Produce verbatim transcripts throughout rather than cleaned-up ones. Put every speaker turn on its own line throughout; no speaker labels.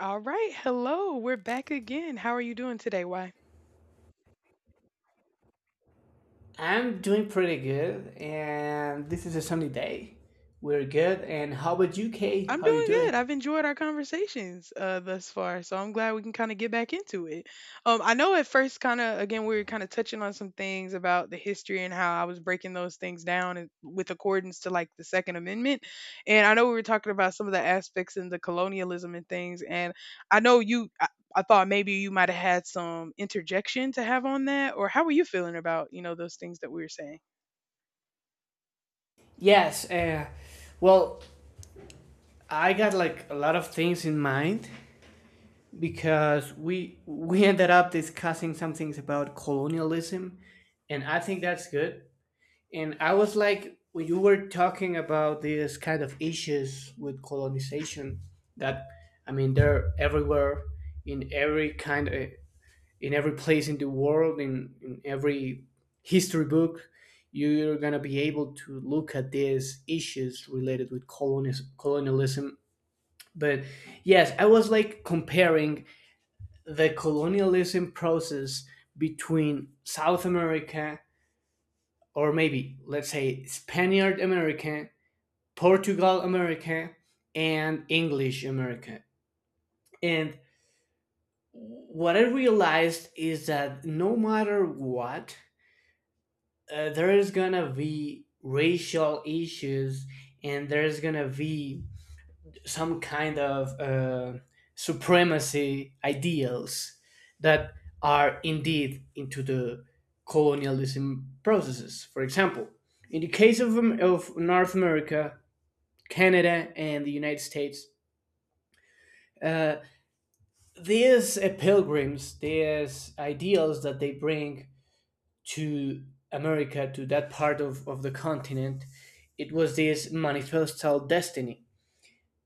All right. Hello. We're back again. How are you doing today? Why?
I'm doing pretty good, and this is a sunny day. We're good, and how about you, Kay?
I'm
How you
doing
doing?
good. I've enjoyed our conversations uh, thus far, so I'm glad we can kind of get back into it. Um, I know at first, kind of again, we were kind of touching on some things about the history and how I was breaking those things down and with accordance to like the Second Amendment, and I know we were talking about some of the aspects in the colonialism and things, and I know you. I, I thought maybe you might have had some interjection to have on that, or how were you feeling about you know those things that we were saying?
Yes, uh, well, I got like a lot of things in mind because we we ended up discussing some things about colonialism, and I think that's good. And I was like, when you were talking about these kind of issues with colonization, that I mean, they're everywhere in every kind of in every place in the world, in, in every history book, you're going to be able to look at these issues related with colonis- colonialism. But yes, I was like comparing the colonialism process between South America, or maybe let's say Spaniard America, Portugal America, and English America. And what I realized is that no matter what, uh, there is gonna be racial issues, and there's gonna be some kind of uh, supremacy ideals that are indeed into the colonialism processes. For example, in the case of, of North America, Canada, and the United States, uh, these uh, pilgrims, these ideals that they bring to America, to that part of, of the continent, it was this manifestal destiny.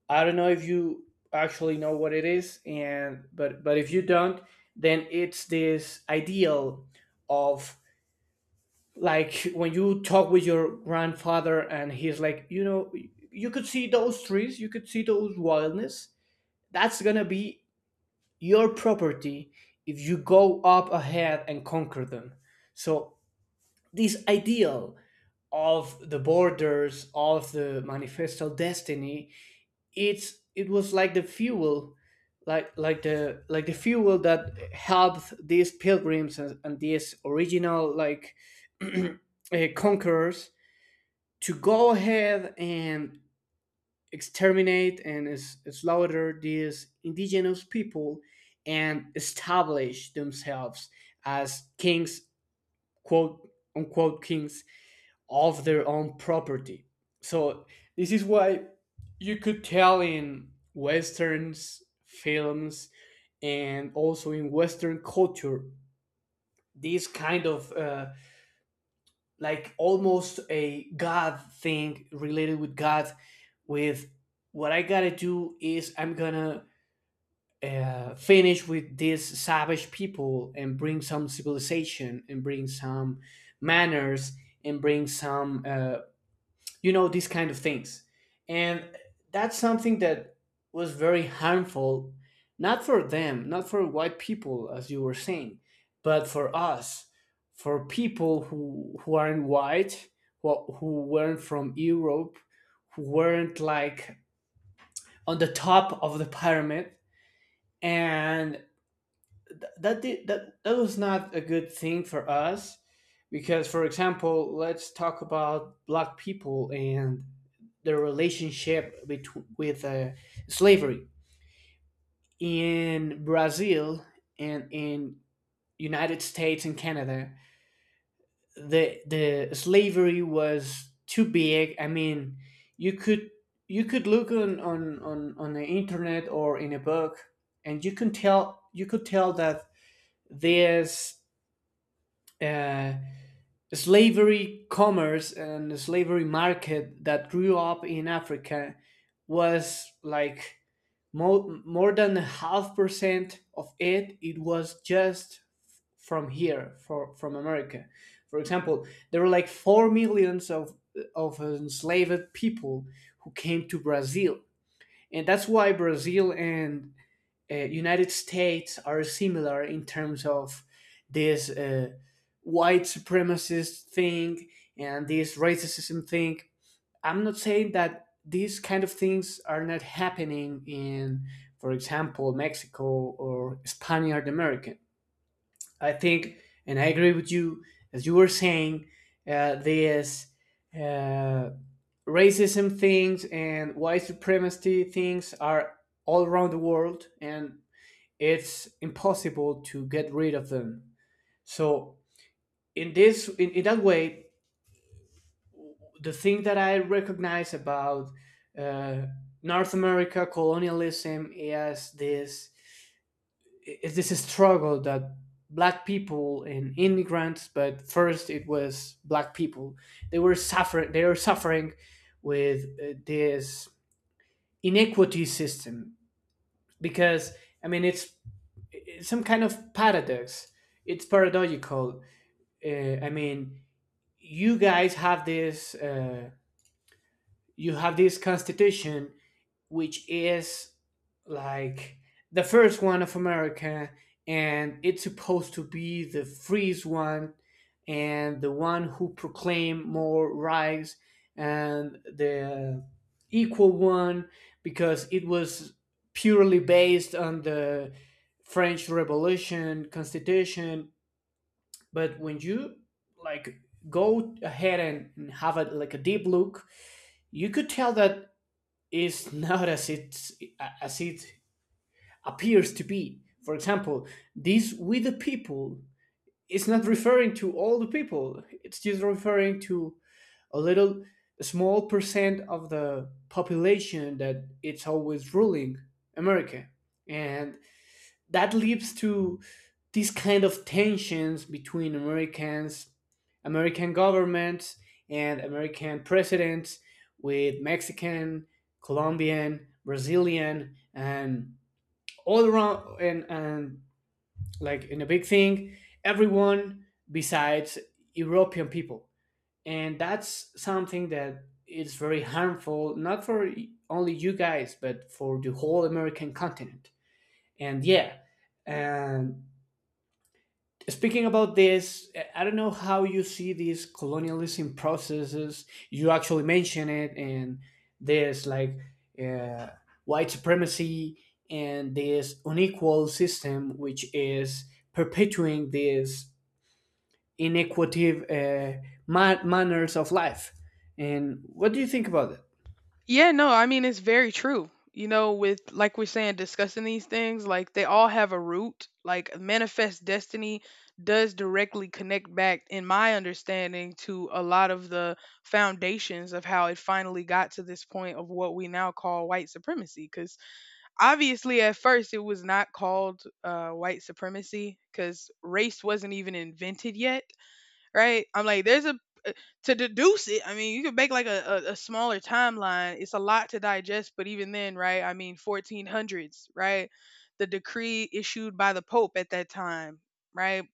I don't know if you actually know what it is, and but but if you don't, then it's this ideal of, like, when you talk with your grandfather and he's like, you know, you could see those trees, you could see those wildness. That's gonna be your property if you go up ahead and conquer them. So this ideal of the borders of the manifesto destiny it's it was like the fuel, like like the like the fuel that helped these pilgrims and, and these original like uh, conquerors to go ahead and exterminate and s- slaughter these indigenous people and establish themselves as kings, quote unquote, kings of their own property. So this is why you could tell in westerns, films, and also in Western culture this kind of uh, like almost a God thing, related with God. With what I gotta do is I'm gonna uh, finish with these savage people and bring some civilization and bring some manners and bring some uh, you know these kind of things, and that's something that was very harmful, not for them, not for white people, as you were saying, but for us, for people who who aren't white, who, who weren't from Europe, who weren't like on the top of the pyramid, and th- that did, that that was not a good thing for us because, for example, let's talk about black people and the relationship between, with uh, slavery in Brazil and in United States and Canada. The the slavery was too big. I mean, you could you could look on on on, on the internet or in a book, and you can tell, you could tell that there's uh, slavery commerce, and the slavery market that grew up in Africa was like More, more than half percent of it. It was just from here, for, from America. For example, there were like four millions of of enslaved people who came to Brazil, and that's why Brazil and uh, United States are similar in terms of this uh, white supremacist thing and this racism thing. I'm not saying that these kind of things are not happening in, for example, Mexico or Spaniard American. I think, and I agree with you, as you were saying, uh, this uh, racism things and white supremacy things are all around the world, and it's impossible to get rid of them. So, in this, in, in that way, the thing that I recognize about uh, North America colonialism is this, is this struggle that black people and immigrants, but first it was black people. They were suffering. They were suffering with uh, this inequity system, because I mean it's, it's some kind of paradox. It's paradoxical. Uh, I mean, you guys have this. Uh, you have this constitution, which is like the first one of America, and it's supposed to be the freest one and the one who proclaim more rights and the equal one, because it was purely based on the French Revolution constitution. But when you like go ahead and and have a like a deep look, you could tell that is not as it as it appears to be. For example, this "with the people" is not referring to all the people. It's just referring to a little, a small percent of the population, that it's always ruling America, and that leads to these kind of tensions between Americans, American governments, and American presidents with Mexican, Colombian, Brazilian, and all around, and, and like in a big thing, everyone besides European people. And that's something that is very harmful, not for only you guys, but for the whole American continent. And yeah, and speaking about this, I don't know how you see these colonialism processes. You actually mention it, and this, like, uh, white supremacy and this unequal system, which is perpetuating these inequity uh, ma- manners of life. And what do you think about it?
Yeah, no, I mean it's very true. You know, with like we're saying, discussing these things, like they all have a root. Like manifest destiny does directly connect back, in my understanding, to a lot of the foundations of how it finally got to this point of what we now call white supremacy. Because obviously, at first, it was not called uh, white supremacy because race wasn't even invented yet, right? I'm like, there's a uh, to deduce it. I mean, you could make like a, a, a smaller timeline. It's a lot to digest, but even then, right? I mean, fourteen hundreds, right? The decree issued by the Pope at that time, right?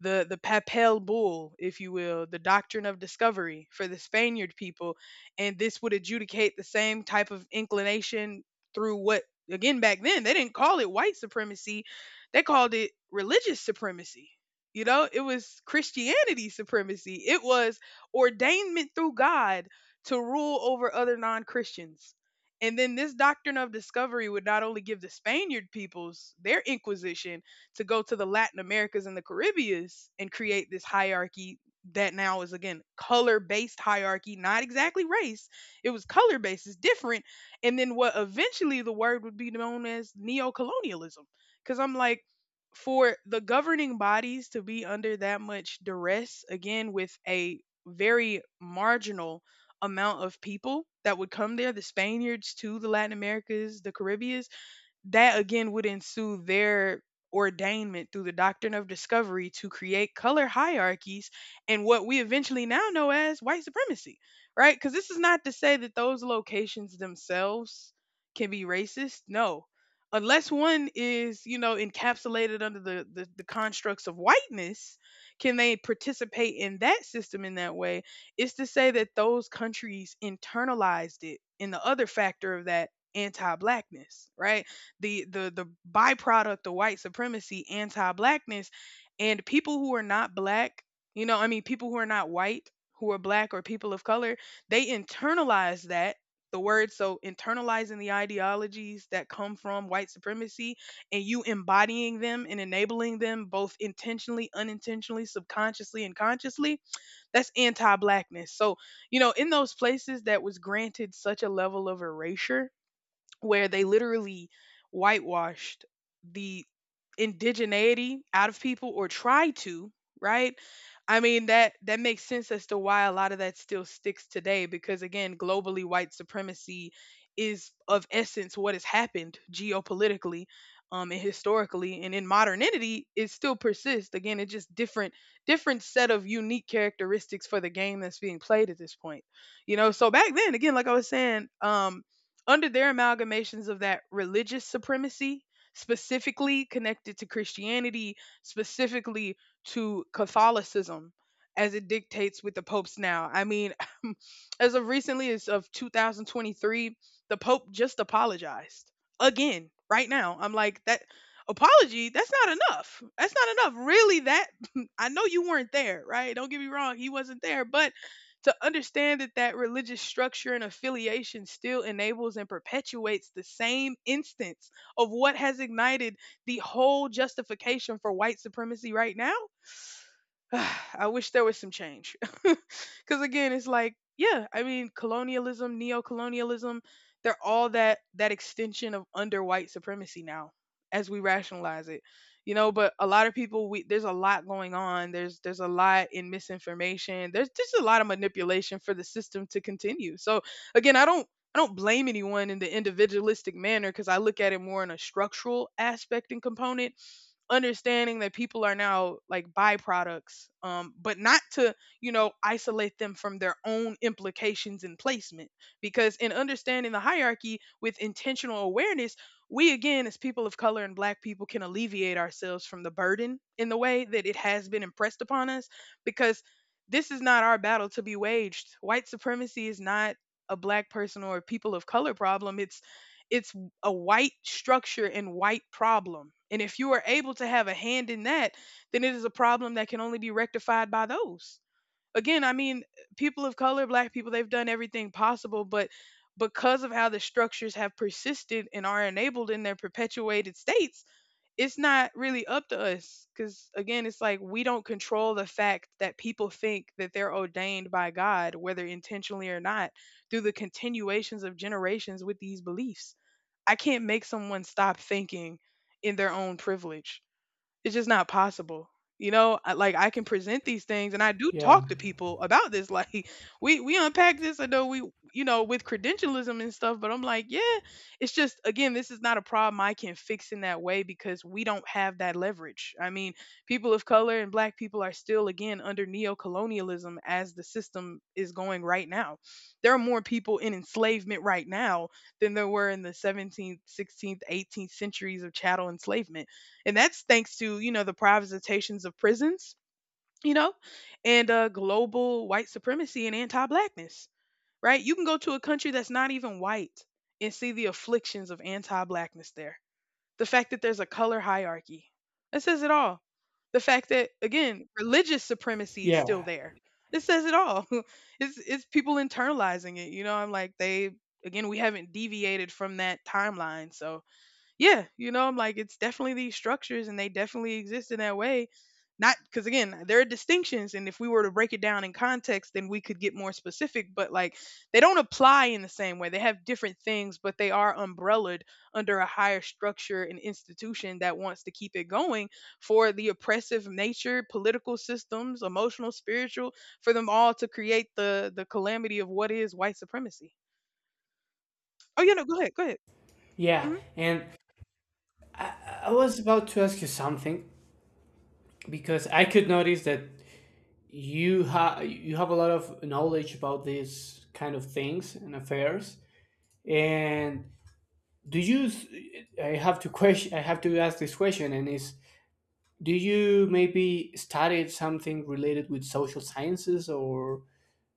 the the papal bull, if you will, the doctrine of discovery for the Spaniard people, and this would adjudicate the same type of inclination through what, again, back then they didn't call it white supremacy. They called it religious supremacy. You know, it was Christianity supremacy. It was ordainment through God to rule over other non-Christians. And then this doctrine of discovery would not only give the Spaniard peoples their inquisition, to go to the Latin Americas and the Caribbeans and create this hierarchy that now is, again, color based hierarchy, not exactly race. It was color based, it's different. And then what eventually the word would be known as neo colonialism. Because I'm like, for the governing bodies to be under that much duress, again, with a very marginal amount of people that would come there, the Spaniards to the Latin Americas, the Caribbean, that again would ensue their ordainment through the doctrine of discovery to create color hierarchies and what we eventually now know as white supremacy, right? Because this is not to say that those locations themselves can be racist. No. Unless one is, you know, encapsulated under the, the, the constructs of whiteness, can they participate in that system in that way? It's to say that those countries internalized it in the other factor of that anti blackness, right? the the the byproduct of white supremacy, anti-blackness, and people who are not black, you know, I mean people who are not white, who are black or people of color, they internalize that the word, so internalizing the ideologies that come from white supremacy and you embodying them and enabling them both intentionally, unintentionally, subconsciously, and consciously, that's anti-blackness. So you know, in those places that was granted such a level of erasure where they literally whitewashed the indigeneity out of people, or try to, right? I mean, that that makes sense as to why a lot of that still sticks today, because again, globally, white supremacy is of essence what has happened geopolitically, um and historically, and in modernity it still persists. Again, it's just different, different set of unique characteristics for the game that's being played at this point. You know, so back then, again, like I was saying, um under their amalgamations of that religious supremacy, specifically connected to Christianity, specifically to Catholicism, as it dictates with the popes now. I mean, as of recently as of two thousand twenty-three, the pope just apologized again right now. I'm like, that apology, that's not enough. That's not enough, really, that I know you weren't there, right? Don't get me wrong, he wasn't there. But to understand that that religious structure and affiliation still enables and perpetuates the same instance of what has ignited the whole justification for white supremacy right now. I wish there was some change. Because again, it's like, yeah, I mean, colonialism, neo-colonialism, they're all that, that extension of under white supremacy now, as we rationalize it, you know. But a lot of people, we there's a lot going on. There's there's a lot in misinformation. There's just a lot of manipulation for the system to continue. So again, I don't. I don't blame anyone in the individualistic manner, because I look at it more in a structural aspect and component, understanding that people are now like byproducts, um, but not to, you know, isolate them from their own implications and placement. Because in understanding the hierarchy with intentional awareness, we again, as people of color and black people, can alleviate ourselves from the burden in the way that it has been impressed upon us. Because this is not our battle to be waged. White supremacy is not a black person or a people of color problem. It's it's a white structure and white problem. And if you are able to have a hand in that, then it is a problem that can only be rectified by those. Again, I mean, people of color, black people, they've done everything possible, but because of how the structures have persisted and are enabled in their perpetuated states, it's not really up to us. Because again, it's like we don't control the fact that people think that they're ordained by God, whether intentionally or not, through the continuations of generations with these beliefs. I can't make someone stop thinking in their own privilege. It's just not possible. You know, I, like I can present these things and I do
Yeah,
talk to people about this. Like we we unpack this, I know we you know, with credentialism and stuff, but I'm like, yeah, it's just again, this is not a problem I can fix in that way because we don't have that leverage. I mean, people of color and black people are still again under neo-colonialism as the system is going right now. There are more people in enslavement right now than there were in the seventeenth, sixteenth, eighteenth centuries of chattel enslavement, and that's thanks to, you know, the privatizations of prisons, you know, and uh, global white supremacy and anti blackness, right? You can go to a country that's not even white and see the afflictions of anti blackness there. The fact that there's a color hierarchy, that says it all. The fact that, again, religious supremacy is still
yeah,
there. It says it all. It's, it's people internalizing it. You know, I'm like, they, again, we haven't deviated from that timeline. So yeah, you know, I'm like, it's definitely these structures and they definitely exist in that way. Not because, again, there are distinctions. And if we were to break it down in context, then we could get more specific. But like, they don't apply in the same way. They have different things, but they are umbrellaed under a higher structure and institution that wants to keep it going for the oppressive nature, political systems, emotional, spiritual, for them all to create the, the calamity of what is white supremacy. Oh, yeah, no, go ahead. Go ahead.
yeah.
Mm-hmm.
And I was about to ask you something, because I could notice that you have you have a lot of knowledge about these kind of things and affairs, and do you s- I have to question I have to ask this question, and is, do you maybe studied something related with social sciences or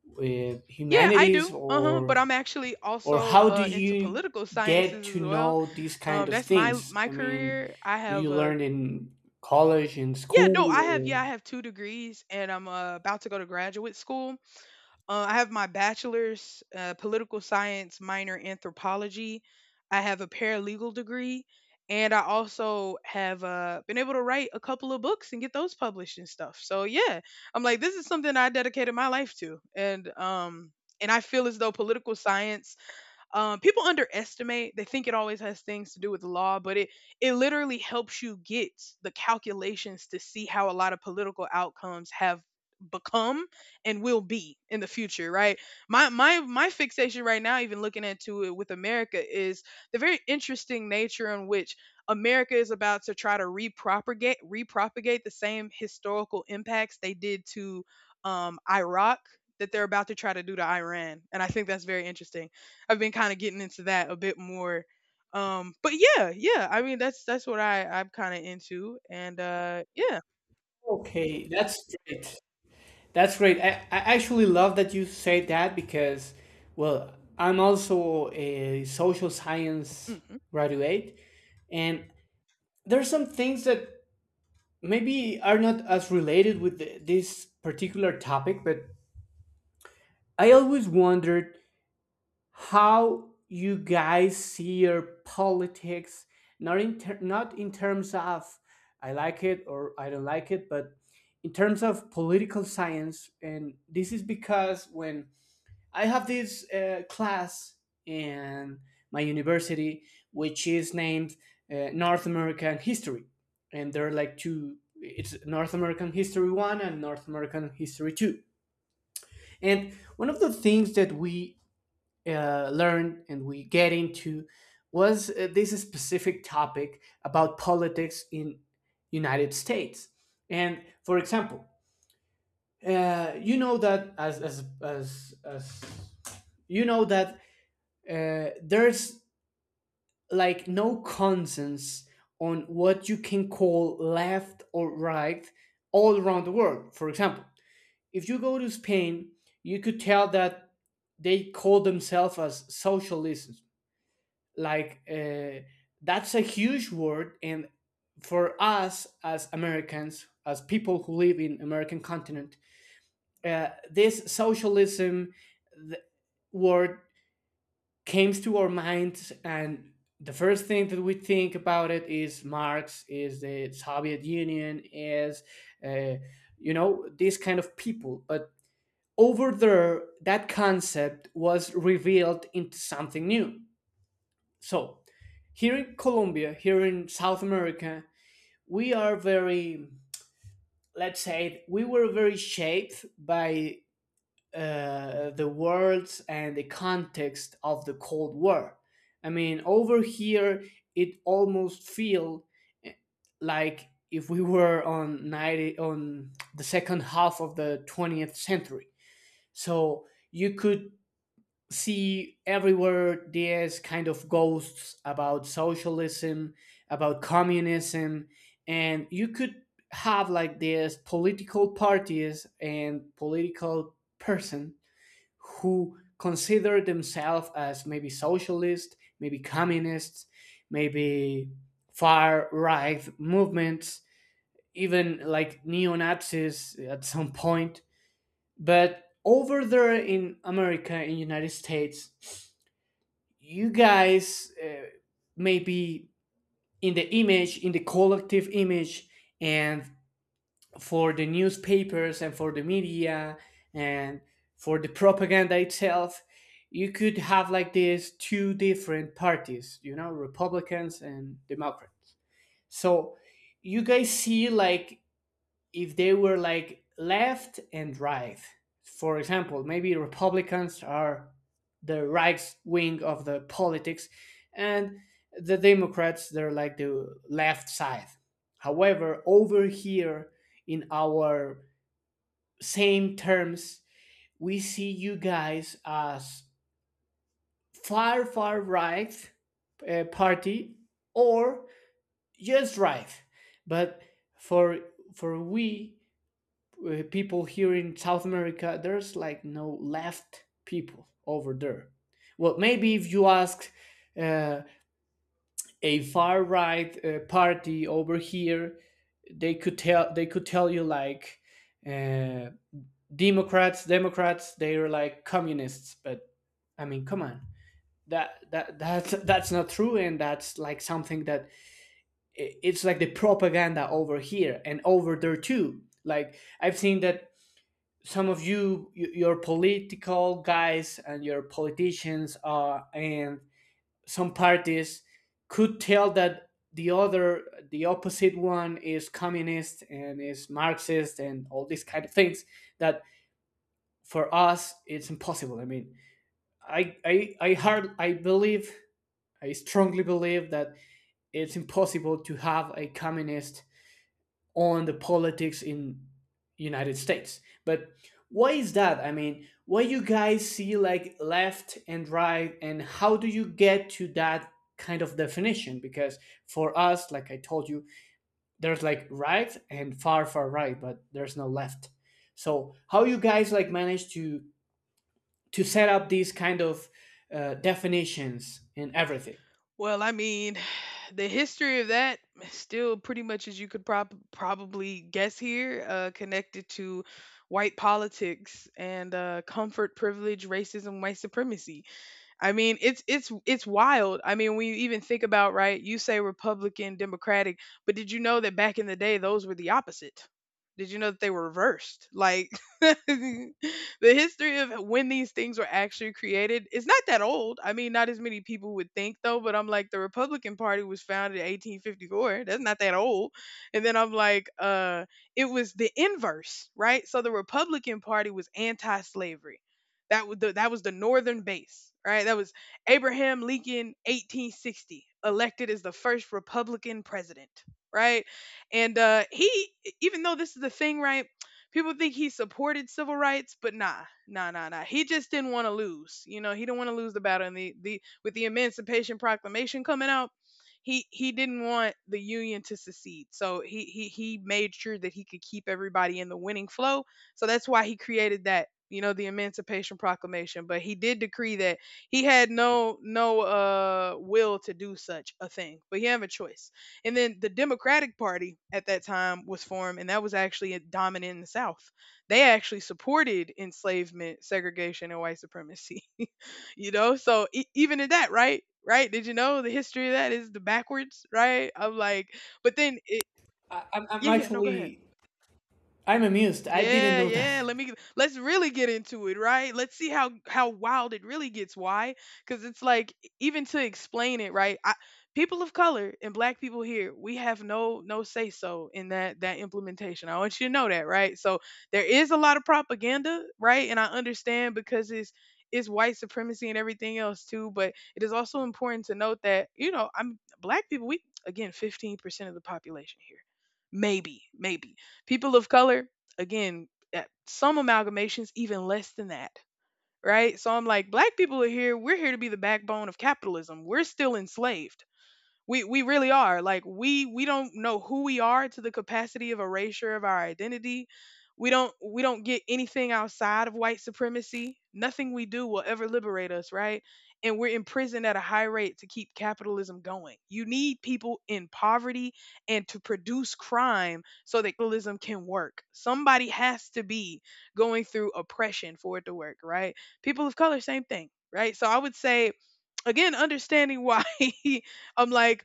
with
Yeah, I
humanities,
do. Uh-huh.
or
But I'm actually
or
also
how do
uh into
you
political
get
sciences as
to
well.
know these
Um
kind of
that's my
things?
my
I mean,
career. I
do
have
you
uh
learn in college, in
yeah, no, I have yeah,
school?
I have two degrees and I'm uh, about to go to graduate school. Uh, I have my bachelor's, uh, political science minor anthropology. I have a paralegal degree, and I also have uh, been able to write a couple of books and get those published and stuff. So yeah, I'm like, this is something I dedicated my life to, and um, and I feel as though political science um, people underestimate. They think it always has things to do with the law, but it it literally helps you get the calculations to see how a lot of political outcomes have become and will be in the future, right? My my my fixation right now, even looking into it with America, is the very interesting nature in which America is about to try to repropagate repropagate the same historical impacts they did to um, Iraq, that they're about to try to do to Iran, and I think that's very interesting. I've been kind of getting into that a bit more. Um, but yeah, yeah. I mean, that's that's what I I'm kind of into, and uh, yeah.
Or okay, that's great. That's great. I, I actually love that you say that, because, well, I'm also a social science
Hmm.
graduate, and there are some things that maybe are not as related with th- this particular topic, but I always wondered how you guys see your politics, not in ter- not in terms of I like it or I don't like it, but in terms of political science. And this is because when I have this uh, class in my university, which is named uh, North American History, and there are like two. It's North American History One and North American History Two. And one of the things that we uh, learned and we get into was uh, this specific topic about politics in United States. And for example, uh, you know that as as as, as you know that uh, there's like no consensus on what you can call left or right all around the world. For example, if you go to Spain, you could tell that they call themselves as socialism. Like, uh, that's a huge word, and for us as Americans, as people who live in American continent, uh, this socialism th- word comes to our minds, and the first thing that we think about it is Marx, is the Soviet Union, is, uh, you know, these kind of people. But over there that concept was revealed into something new. So here in Colombia, here in South America, we are very, let's say we were very shaped by uh, the words and the context of the Cold War. I mean, over here, it almost feel, eh, like if we were on ninety, on the second half of the twentieth century. So you could see everywhere there's kind of ghosts about socialism, about communism, and you could have like this political parties and political person who consider themselves as maybe socialist, maybe communists, maybe far right movements, even like neo Nazis at some point. But over there in America, in the United States, you guys, uh, maybe in the image, in the collective image, and for the newspapers and for the media and for the propaganda itself, you could have like these two different parties, you know, Republicans and Democrats. So you guys see like if they were like left and right. For example, maybe Republicans are the right wing of the politics, and the Democrats, they're like the left side. However, over here in our same terms, we see you guys as far, far right uh, party, or just right. But for for we, uh, people here in South America, there's like no left people over there. Well, maybe if you ask uh, a far right uh, party over here, they could tell, they could tell you like, uh, Democrats, Democrats, they're like communists. But I mean, come on, that that that's that's not true, and that's like something that it's like the propaganda over here and over there too. Like I've seen that some of you, y- your political guys and your politicians, uh, and some parties could tell that the other, the opposite one is communist and is Marxist and all these kind of things, that for us it's impossible. I mean, i i i hard i believe i strongly believe that it's impossible to have a communist on the politics in United States. But why is that? I mean, why you guys see like left and right, and how do you get to that kind of definition? Because for us, like I told you, there's like right and far, far right, but there's no left. So how you guys like manage to to set up these kind of uh, definitions and everything.
Well, I mean, the history of that still pretty much as you could prob- probably guess here, uh, connected to white politics and uh, comfort, privilege, racism, white supremacy. I mean, it's it's it's wild. I mean, when you even think about, right, you say Republican, Democratic, but did you know that back in the day those were the opposite? Did you know that they were reversed? Like the history of when these things were actually created is not that old. I mean, not as many people would think though, but I'm like the Republican Party was founded in eighteen fifty-four. That's not that old. And then I'm like, uh, it was the inverse, right? So the Republican Party was anti-slavery, that was the that was the northern base, right? That was Abraham Lincoln eighteen sixty, elected as the first Republican president, right? And uh he e, even though, this is the thing, right? People think he supported civil rights, but nah, nah, nah, nah. He just didn't want to lose. You know, he didn't want to lose the battle. And the, the with the Emancipation Proclamation coming out, he he didn't want the union to secede, so he he he made sure that he could keep everybody in the winning flow, so that's why he created that, you know, the Emancipation Proclamation. But he did decree that he had no no uh will to do such a thing, but he had a choice. And then the Democratic Party at that time was formed, and that was actually dominant in the South. They actually supported enslavement, segregation, and white supremacy. You know, so e- even in that, right? Right? Did you know the history of that is the backwards, right? I'm like, but then it,
I, I'm, I'm
yeah, yeah, no, go ahead.
actually
Yeah.
I'm amused. I didn't
Yeah,
know that.
yeah. Let me let's really get into it, right? Let's see how how wild it really gets. Why? Because it's like e, even to explain it, right? I, people of color and black people here, we have no no say so in that that implementation. I want you to know that, right? So there is a lot of propaganda, right? And I understand because it's it's white supremacy and everything else too, but it is also important to note that, you know, I'm black people. We again fifteen percent of the population here, maybe, maybe. People of color, again, at some amalgamations, even less than that, right? So I'm like, black people are here. We're here to be the backbone of capitalism. We're still enslaved. We we really are. Like we we don't know who we are to the capacity of erasure of our identity. We don't we don't get anything outside of white supremacy. Nothing we do will ever liberate us, right? And we're imprisoned at a high rate to keep capitalism going. You need people in poverty and to produce crime so that capitalism can work. Somebody has to be going through oppression for it to work, right? People of color, same thing, right? So I would say, again, understanding why. I'm like,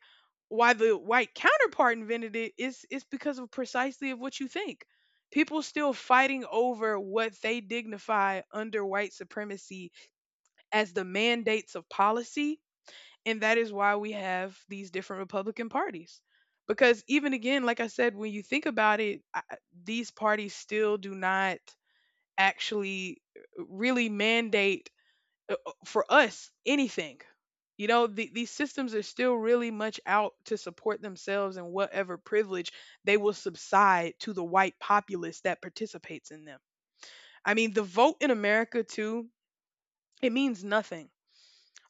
why the white counterpart invented it, is it's because of precisely of what you think. People still fighting over what they dignify under white supremacy as the mandates of policy, and that is why we have these different Republican parties. Because, even again, like I said, when you think about it, I- these parties still do not actually uh, really mandate uh, uh, for us anything. You know, the, these systems are still really much out to support themselves, and whatever privilege they will subside to the white populace that participates in them. I mean, the vote in America, too, it means nothing.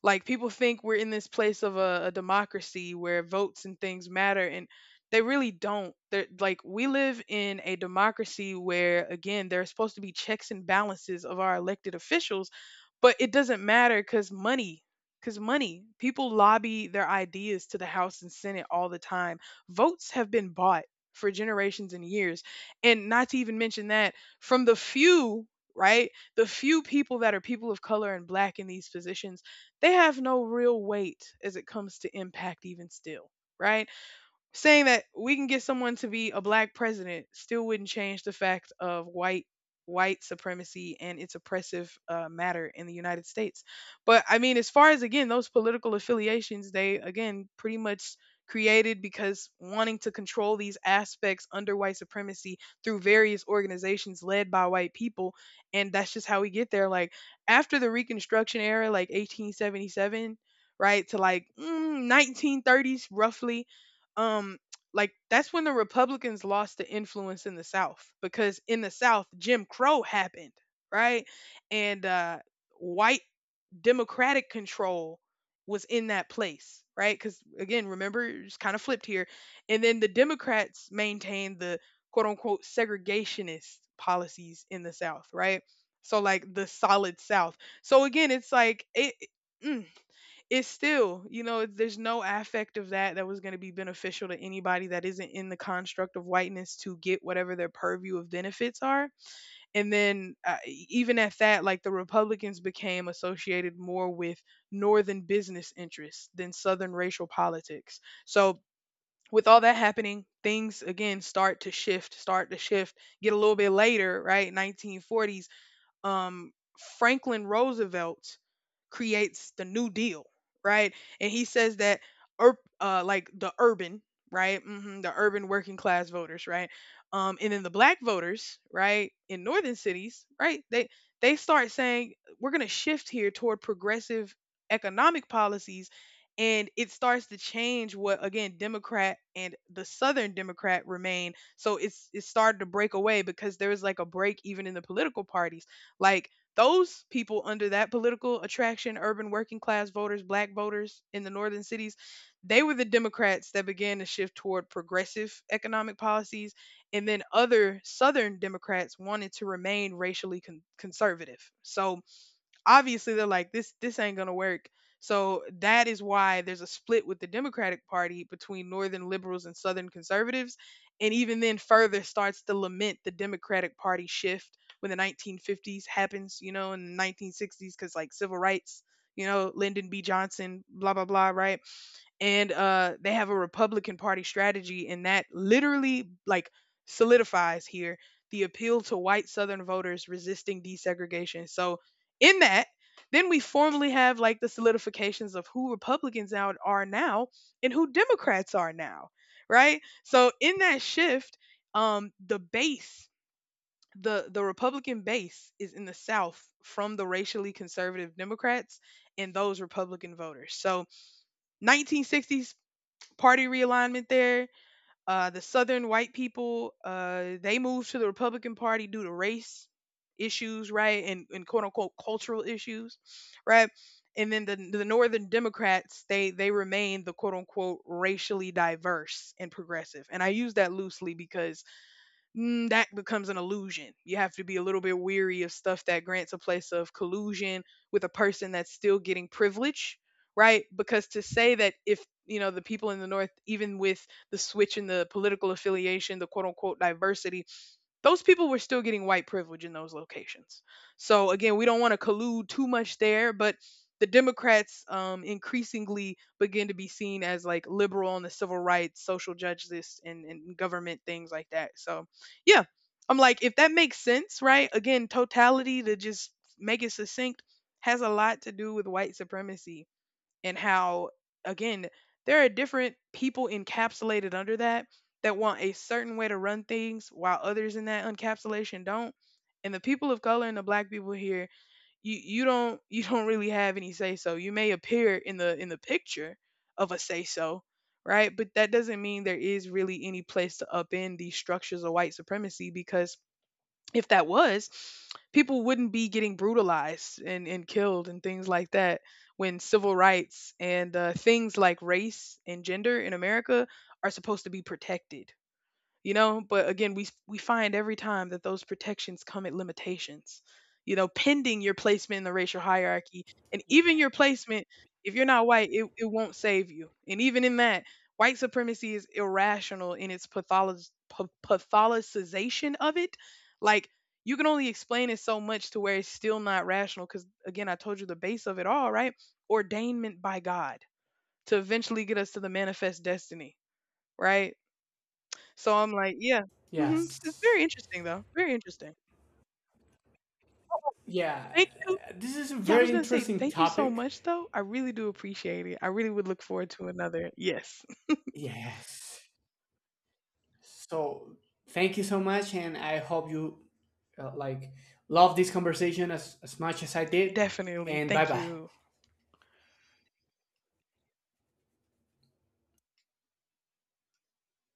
Like, people think we're in this place of a, a democracy where votes and things matter, and they really don't. They're like, we live in a democracy where, again, there are supposed to be checks and balances of our elected officials, but it doesn't matter because money. Because money, people lobby their ideas to the House and Senate all the time. Votes have been bought for generations and years. And not to even mention that, from the few, right? The few people that are people of color and black in these positions, they have no real weight as it comes to impact, even still, right? Saying that we can get someone to be a black president still wouldn't change the fact of white white supremacy and its oppressive uh, matter in the United States. But I mean, as far as, again, those political affiliations, they, again, pretty much created because wanting to control these aspects under white supremacy through various organizations led by white people. And that's just how we get there. Like, after the reconstruction era, like eighteen seventy-seven, right, to like mm, nineteen thirties roughly, um like that's when the Republicans lost the influence in the South, because in the South Jim Crow happened, right? And uh white democratic control was in that place, right? Because, again, remember, it's kind of flipped here. And then the Democrats maintained the quote unquote segregationist policies in the South, right? So like the solid South. So again, it's like it, mm, it's still, you know, there's no affect of that that was going to be beneficial to anybody that isn't in the construct of whiteness to get whatever their purview of benefits are. And then, uh, e- even at that, like the Republicans became associated more with Northern business interests than Southern racial politics. So, with all that happening, things again start to shift, start to shift, get a little bit later, right? nineteen forties, um, Franklin Roosevelt creates the New Deal, right? And he says that, ur- uh, like the urban, right? Hmm the urban working class voters, right? Um, and then the black voters, right, in northern cities, right? They they start saying we're gonna shift here toward progressive economic policies, and it starts to change what, again, Democrat and the Southern Democrat remain. So it's it started to break away because there was like a break even in the political parties. Like, those people under that political attraction, urban working class voters, black voters in the northern cities, they were the Democrats that began to shift toward progressive economic policies. And then other southern Democrats wanted to remain racially con- conservative. So obviously they're like, this this ain't going to work. So that is why there's a split with the Democratic Party between northern liberals and southern conservatives. And even then, further starts to lament the Democratic Party shift when the nineteen fifties happens, you know, in the nineteen sixties, cuz like civil rights, you know, Lyndon B Johnson, blah blah blah, right? And uh, they have a Republican Party strategy, and that literally like solidifies here the appeal to white Southern voters resisting desegregation. So in that, then we formally have like the solidifications of who Republicans out are now and who Democrats are now, right? So in that shift, um, the base. The, the Republican base is in the South from the racially conservative Democrats and those Republican voters. So nineteen sixties party realignment there. Uh, the Southern white people, uh, they moved to the Republican Party due to race issues, right, and, and quote unquote cultural issues, right. And then the the Northern Democrats, they they remained the quote unquote racially diverse and progressive. And I use that loosely because mm, that becomes an illusion. You have to be a little bit weary of stuff that grants a place of collusion with a person that's still getting privilege, right? Because to say that, if, you know, the people in the North, even with the switch in the political affiliation, the quote unquote diversity, those people were still getting white privilege in those locations. So again, we don't want to collude too much there, but the Democrats um, increasingly begin to be seen as like liberal on the civil rights, social justice, and, and government things like that. So yeah, I'm like, if that makes sense, right? Again, totality, to just make it succinct, has a lot to do with white supremacy and how, again, there are different people encapsulated under that that want a certain way to run things while others in that encapsulation don't. And the people of color and the black people here, you you don't you don't really have any say so. You may appear in the in the picture of a say so, right? But that doesn't mean there is really any place to upend these structures of white supremacy. Because if that was, people wouldn't be getting brutalized and, and killed and things like that, when civil rights and uh, things like race and gender in America are supposed to be protected. You know, but again, we we find every time that those protections come at limitations. You know, pending your placement in the racial hierarchy. And even your placement, if you're not white, it, it won't save you. And even in that, white supremacy is irrational in its patholo- pa- patholicization of it. Like, you can only explain it so much to where it's still not rational. Because, again, I told you the base of it, all right? Ordainment by God, to eventually get us to the manifest destiny, right? So I'm like, yeah. Mhm. It's
Yes.
very interesting though, very interesting. Oh,
Yeah.
thank you.
uh, This is a
Yeah, I was
very
gonna say
interesting
thank you so
topic.
much though. I really do appreciate it. I really would look forward to another. Yes,
Yes. So thank you so much, and I hope you uh, like love this conversation as, as much as I did.
definitely.
And bye
Thank
bye.
you.